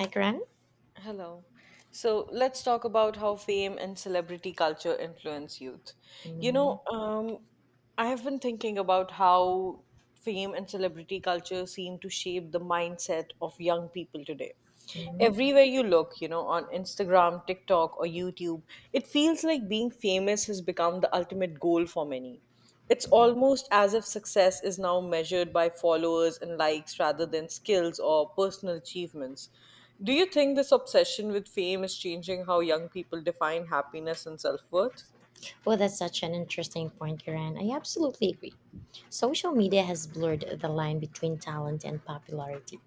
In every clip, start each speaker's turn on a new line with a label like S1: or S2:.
S1: I Gran.
S2: Hello. So let's talk about how fame and celebrity culture influence youth. You
S1: Mm-hmm.
S2: know, um, I have been thinking about how fame and celebrity culture seem to shape the mindset of young people today.
S1: Mm-hmm.
S2: Everywhere you look, you know, on Instagram, TikTok, or YouTube, it feels like being famous has become the ultimate goal for many. It's almost as if success is now measured by followers and likes rather than skills or personal achievements. Do you think this obsession with fame is changing how young people define happiness and self worth?
S1: Well, that's such an interesting point, Kiran. I absolutely agree. Social media has blurred the line between talent and popularity.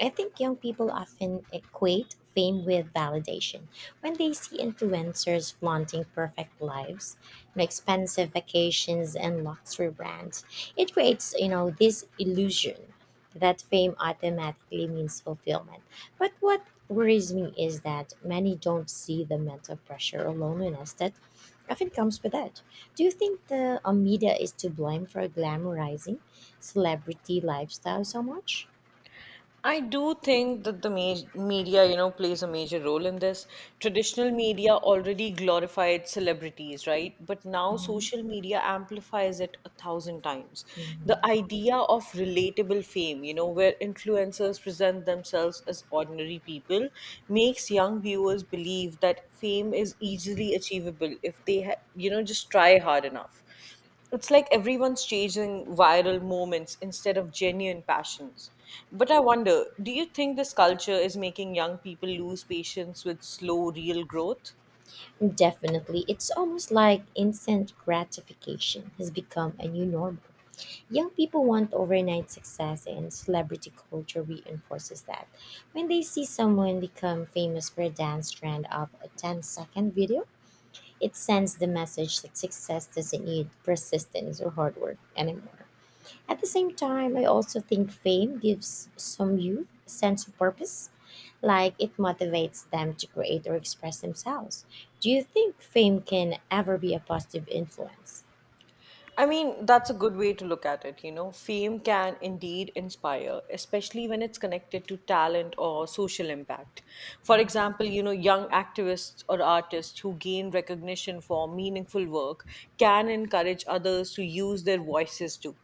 S1: I think young people often equate fame with validation. When they see influencers flaunting perfect lives, you know, expensive vacations, and luxury brands, it creates, you know, this illusion that fame automatically means fulfillment. But what worries me is that many don't see the mental pressure or loneliness that often comes with that. Do you think the media is to blame for glamorizing celebrity lifestyle so much?
S2: I do think that the media, you know, plays a major role in this. Traditional media already glorified celebrities, right? But now
S1: Mhm,
S2: social media amplifies it a thousand times.
S1: mhm.
S2: The idea of relatable fame, you know, where influencers present themselves as ordinary people, makes young viewers believe that fame is easily achievable if they just try hard enough. It's like everyone's chasing viral moments instead of genuine passions. But I wonder, do you think this culture is making young people lose patience with slow, real growth?
S1: Definitely. It's almost like instant gratification has become a new normal. Young people want overnight success, and celebrity culture reinforces that. When they see someone become famous for a dance trend of a ten-second video, it sends the message that success doesn't need persistence or hard work anymore. At the same time, I also think fame gives some youth a sense of purpose, like it motivates them to create or express themselves. Do you think fame can ever be a positive influence?
S2: I mean, that's a good way to look at it. You know, fame can indeed inspire, especially when it's connected to talent or social impact. For example, you know, young activists or artists who gain recognition for meaningful work can encourage others to use their voices too.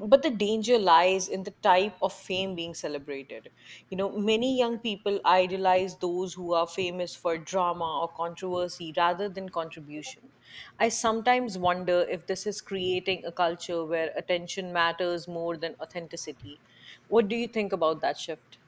S2: But the danger lies in the type of fame being celebrated. You know, many young people idolize those who are famous for drama or controversy rather than contribution. I sometimes wonder if this is creating a culture where attention matters more than authenticity. What do you think about that shift?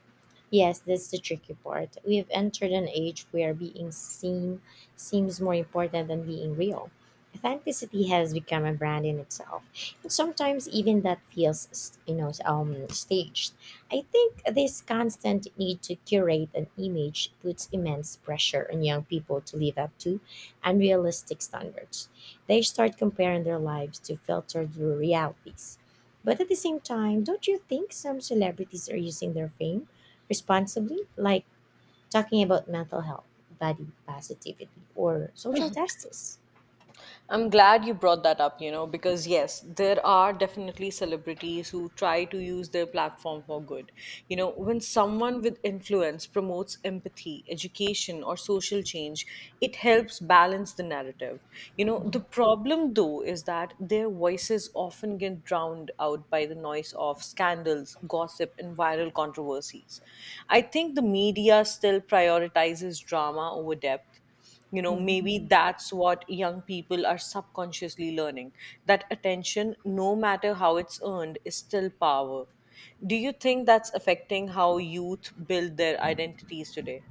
S1: Yes, that's the tricky part. We've entered an age where being seen seems more important than being real. Authenticity has become a brand in itself, and sometimes even that feels, staged. I think this constant need to curate an image puts immense pressure on young people to live up to unrealistic standards. They start comparing their lives to filtered realities. But at the same time, don't you think some celebrities are using their fame responsibly, like talking about mental health, body positivity, or social justice?
S2: I'm glad you brought that up, you know, because yes, there are definitely celebrities who try to use their platform for good. You know, when someone with influence promotes empathy, education, or social change, it helps balance the narrative. You know, the problem though is that their voices often get drowned out by the noise of scandals, gossip, and viral controversies. I think the media still prioritizes drama over depth. You know, maybe
S1: Mhm.
S2: that's what young people are subconsciously learning, that attention, no matter how it's earned, is still power. Do you think that's affecting how youth build their identities today?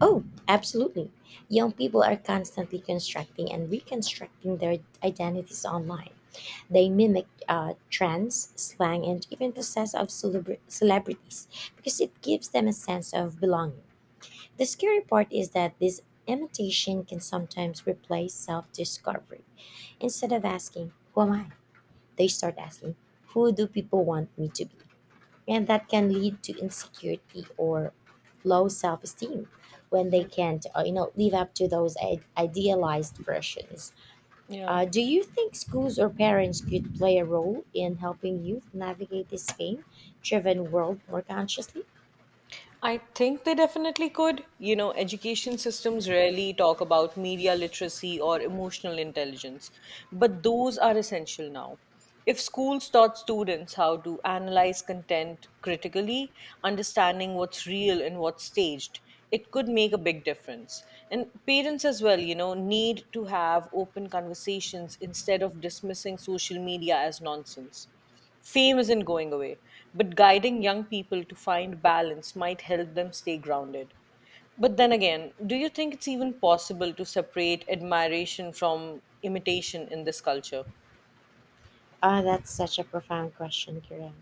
S1: Oh, absolutely. Young people are constantly constructing and reconstructing their identities online. They mimic trends, slang, and even the sense of celebrities because it gives them a sense of belonging. The scary part is that this imitation can sometimes replace self discovery. Instead of asking, "Who am I?" they start asking, "Who do people want me to be?" And that can lead to insecurity or low self esteem when they
S2: Yeah,
S1: can't, live up to those idealized versions.
S2: yeah,
S1: Do you think schools or parents could play a role in helping youth navigate this fame driven world more consciously?
S2: I think they definitely could. You know, education systems rarely talk about media literacy or emotional intelligence, but those are essential now. If schools taught students how to analyze content critically, understanding what's real and what's staged, it could make a big difference. And parents as well, you know, need to have open conversations instead of dismissing social media as nonsense. Fame isn't going away, but guiding young people to find balance might help them stay grounded. But then again, do you think it's even possible to separate admiration from imitation in this culture?
S1: Ah, that's such a profound question, Kiran.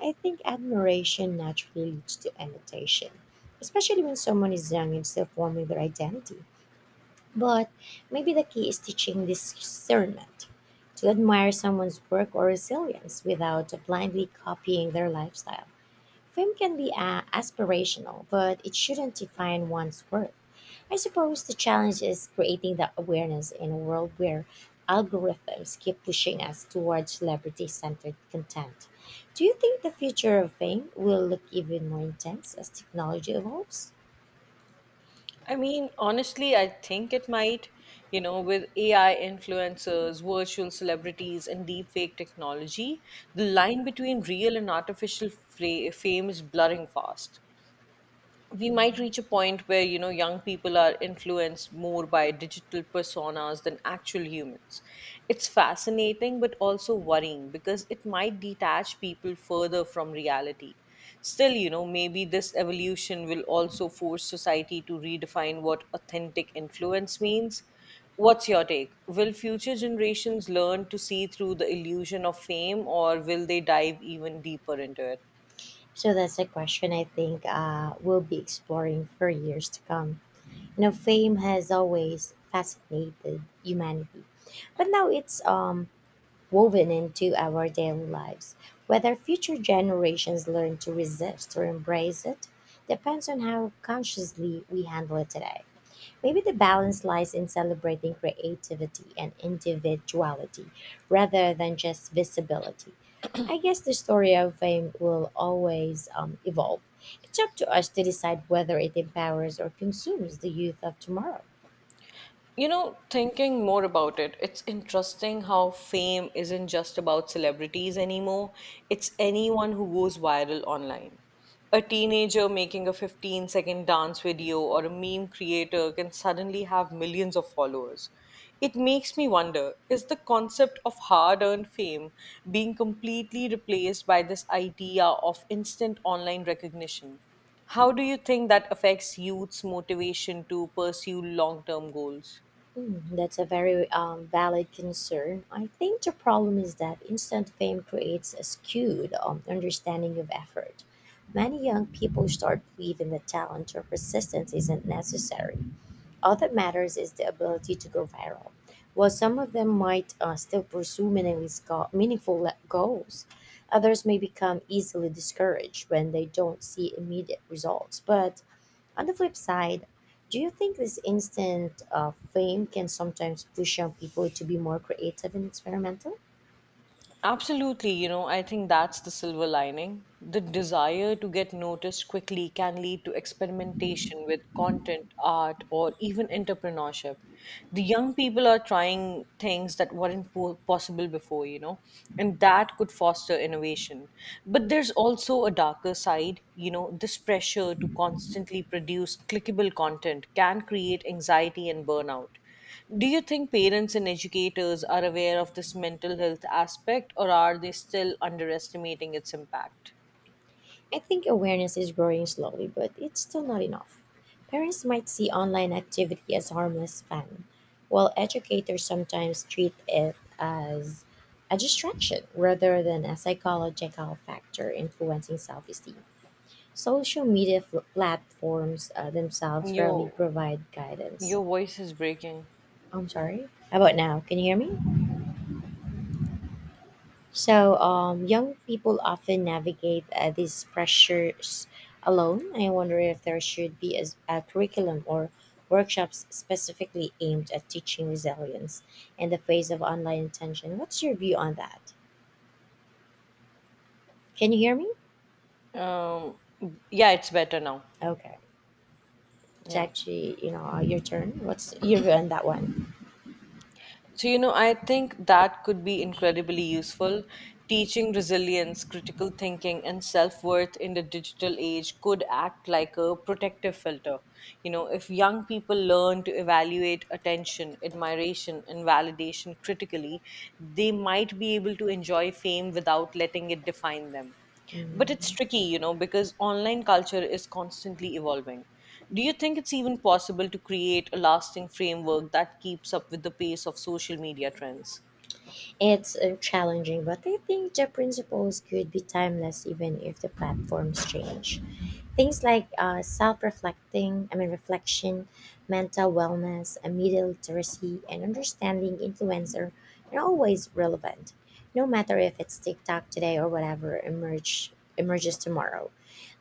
S1: I think admiration naturally leads to imitation, especially when someone is young and still forming their identity. But maybe the key is teaching discernment to admire someone's work or resilience without blindly copying their lifestyle. Fame can be aspirational, but it shouldn't define one's worth. I suppose the challenge is creating that awareness in a world where algorithms keep pushing us towards celebrity centered content. Do you think the future of fame will look even more intense as technology evolves?
S2: I mean, honestly, I think it might. You know, with AI influencers, virtual celebrities, and deepfake technology, the line between real and artificial fame is blurring fast. We might reach a point where, you know, young people are influenced more by digital personas than actual humans. It's fascinating but also worrying because it might detach people further from reality. Still, you know, maybe this evolution will also force society to redefine what authentic influence means. What's your take? Will future generations learn to see through the illusion of fame, or will they dive even deeper into it?
S1: So that's a question I think we'll be exploring for years to come. You know, fame has always fascinated humanity, but now it's woven into our daily lives. Whether future generations learn to resist or embrace it depends on how consciously we handle it today. Maybe the balance lies in celebrating creativity and individuality rather than just visibility. I guess the story of fame will always evolve. It's up to us to decide whether it empowers or consumes the youth of tomorrow.
S2: You know, thinking more about it, it's interesting how fame isn't just about celebrities anymore. It's anyone who goes viral online. A teenager making a 15-second dance video or a meme creator can suddenly have millions of followers. It makes me wonder, is the concept of hard earned fame being completely replaced by this idea of instant online recognition? How do you think that affects youth's motivation to pursue long term goals?
S1: Mm, that's a very valid concern. I think the problem is that instant fame creates a skewed understanding of effort. Many young people start believing that talent or persistence isn't necessary. All that matters is the ability to go viral. While some of them might still pursue meaningless go- meaningful goals, others may become easily discouraged when they don't see immediate results. But on the flip side, do you think this instant fame can sometimes push young people to be more creative and experimental?
S2: Absolutely, you know, I think that's the silver lining. The desire to get noticed quickly can lead to experimentation with content, art, or even entrepreneurship. The young people are trying things that weren't possible before, you know, and that could foster innovation. But there's also a darker side, you know, this pressure to constantly produce clickable content can create anxiety and burnout. Do you think parents and educators are aware of this mental health aspect, or are they still underestimating its impact?
S1: I think awareness is growing slowly, but it's still not enough. Parents might see online activity as harmless fun, while educators sometimes treat it as a distraction rather than a psychological factor influencing self esteem. Social media platforms themselves rarely
S2: Your
S1: provide guidance.
S2: your voice is breaking.
S1: I'm sorry. How about now? Can you hear me? So, young people often navigate these pressures alone. I wonder if there should be a curriculum or workshops specifically aimed at teaching resilience in the face of online attention. What's your view on that? Can you hear me?
S2: Um yeah, it's better now.
S1: Okay. It's
S2: Yeah.
S1: actually, you know, your turn. What's your view on that one?
S2: So, you know, I think that could be incredibly useful. Teaching resilience, critical thinking, and self worth in the digital age could act like a protective filter. You know, if young people learn to evaluate attention, admiration, and validation critically, they might be able to enjoy fame without letting it define them. But it's
S1: Mm.
S2: tricky, you know, because online culture is constantly evolving. Do you think it's even possible to create a lasting framework that keeps up with the pace of social media trends?
S1: It's challenging, but I think the principles could be timeless even if the platforms change. Things like self-reflecting, I mean reflection, mental wellness, and media literacy, and understanding influencer are always relevant, no matter if it's TikTok today or whatever emerges tomorrow.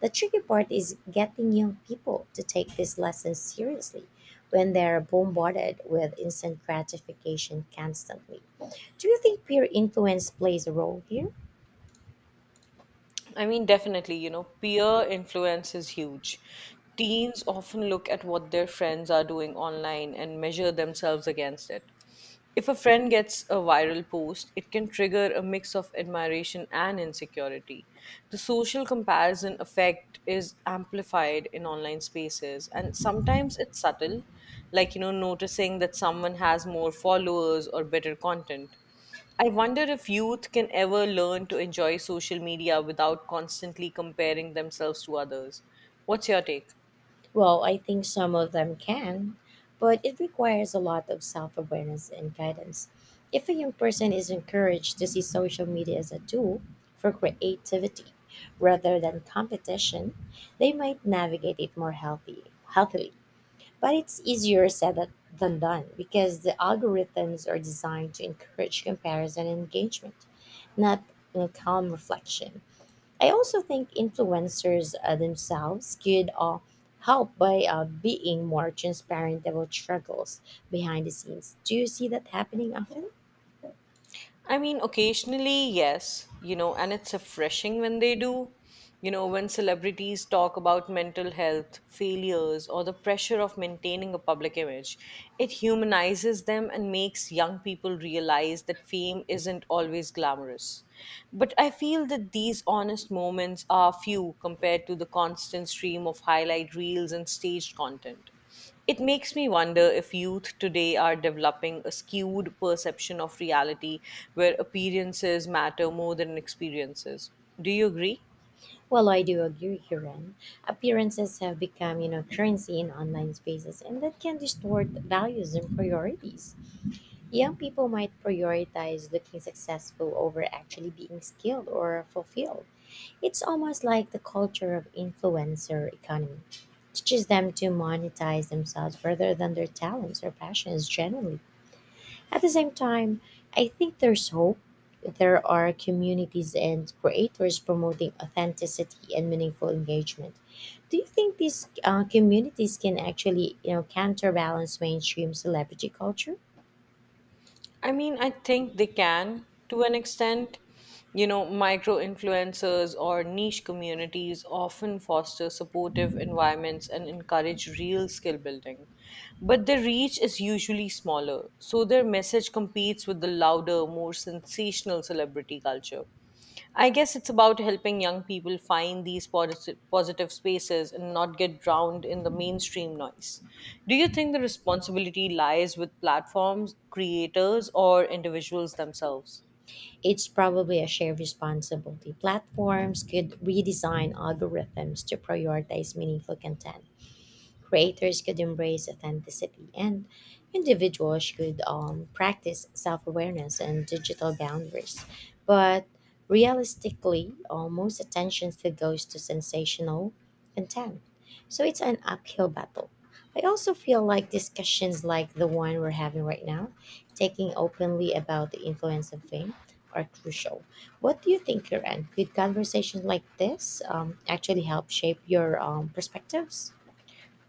S1: The tricky part is getting young people to take these lessons seriously when they're bombarded with instant gratification constantly. Do you think peer influence plays a role here?
S2: I mean, definitely, you know, peer influence is huge. Teens often look at what their friends are doing online and measure themselves against it. If a friend gets a viral post, it can trigger a mix of admiration and insecurity. The social comparison effect is amplified in online spaces, and sometimes it's subtle, like, you know, noticing that someone has more followers or better content. I wonder if youth can ever learn to enjoy social media without constantly comparing themselves to others. What's your take?
S1: Well, I think some of them can, but it requires a lot of self awareness and guidance. If a young person is encouraged to see social media as a tool for creativity rather than competition, they might navigate it more healthily. But it's easier said than done because the algorithms are designed to encourage comparison and engagement, not, you know, calm reflection. I also think influencers themselves could help by being more transparent about struggles behind the scenes. Do you see that happening often?
S2: I mean, occasionally, yes, you know, and it's refreshing when they do. You know, when celebrities talk about mental health, failures, or the pressure of maintaining a public image, it humanizes them and makes young people realize that fame isn't always glamorous. But I feel that these honest moments are few compared to the constant stream of highlight reels and staged content. It makes me wonder if youth today are developing a skewed perception of reality where appearances matter more than experiences. Do you agree?
S1: Well, I do agree, Huron. Appearances have become, you know, currency in online spaces, and that can distort values and priorities. Young people might prioritize looking successful over actually being skilled or fulfilled. It's almost like the culture of influencer economy teaches them to monetize themselves rather than their talents or passions generally. At the same time, I think there's hope. There are communities and creators promoting authenticity and meaningful engagement. Do you think these communities can actually, you know, counterbalance mainstream celebrity culture?
S2: I mean, I think they can to an extent. You know, micro influencers or niche communities often foster supportive environments and encourage real skill building. But their reach is usually smaller, so their message competes with the louder, more sensational celebrity culture. I guess it's about helping young people find these positive spaces and not get drowned in the mainstream noise. Do you think the responsibility lies with platforms, creators, or individuals themselves?
S1: It's probably a shared responsibility. Platforms could redesign algorithms to prioritize meaningful content. Creators could embrace authenticity, and individuals could practice self awareness and digital boundaries. But realistically, most attention still goes to sensational content. So it's an uphill battle. I also feel like discussions like the one we're having right now, taking openly about the influence of fame, are crucial. What do you think, Karen? Could conversations like this actually help shape your perspectives?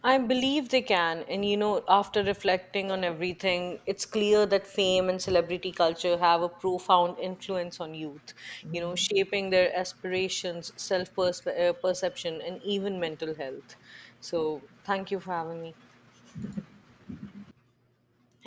S2: I believe they can. And you know, after reflecting on everything, it's clear that fame and celebrity culture have a profound influence on youth, you know,
S1: Mhm.
S2: shaping their aspirations, self perception, and even mental health. So, thank you for having me.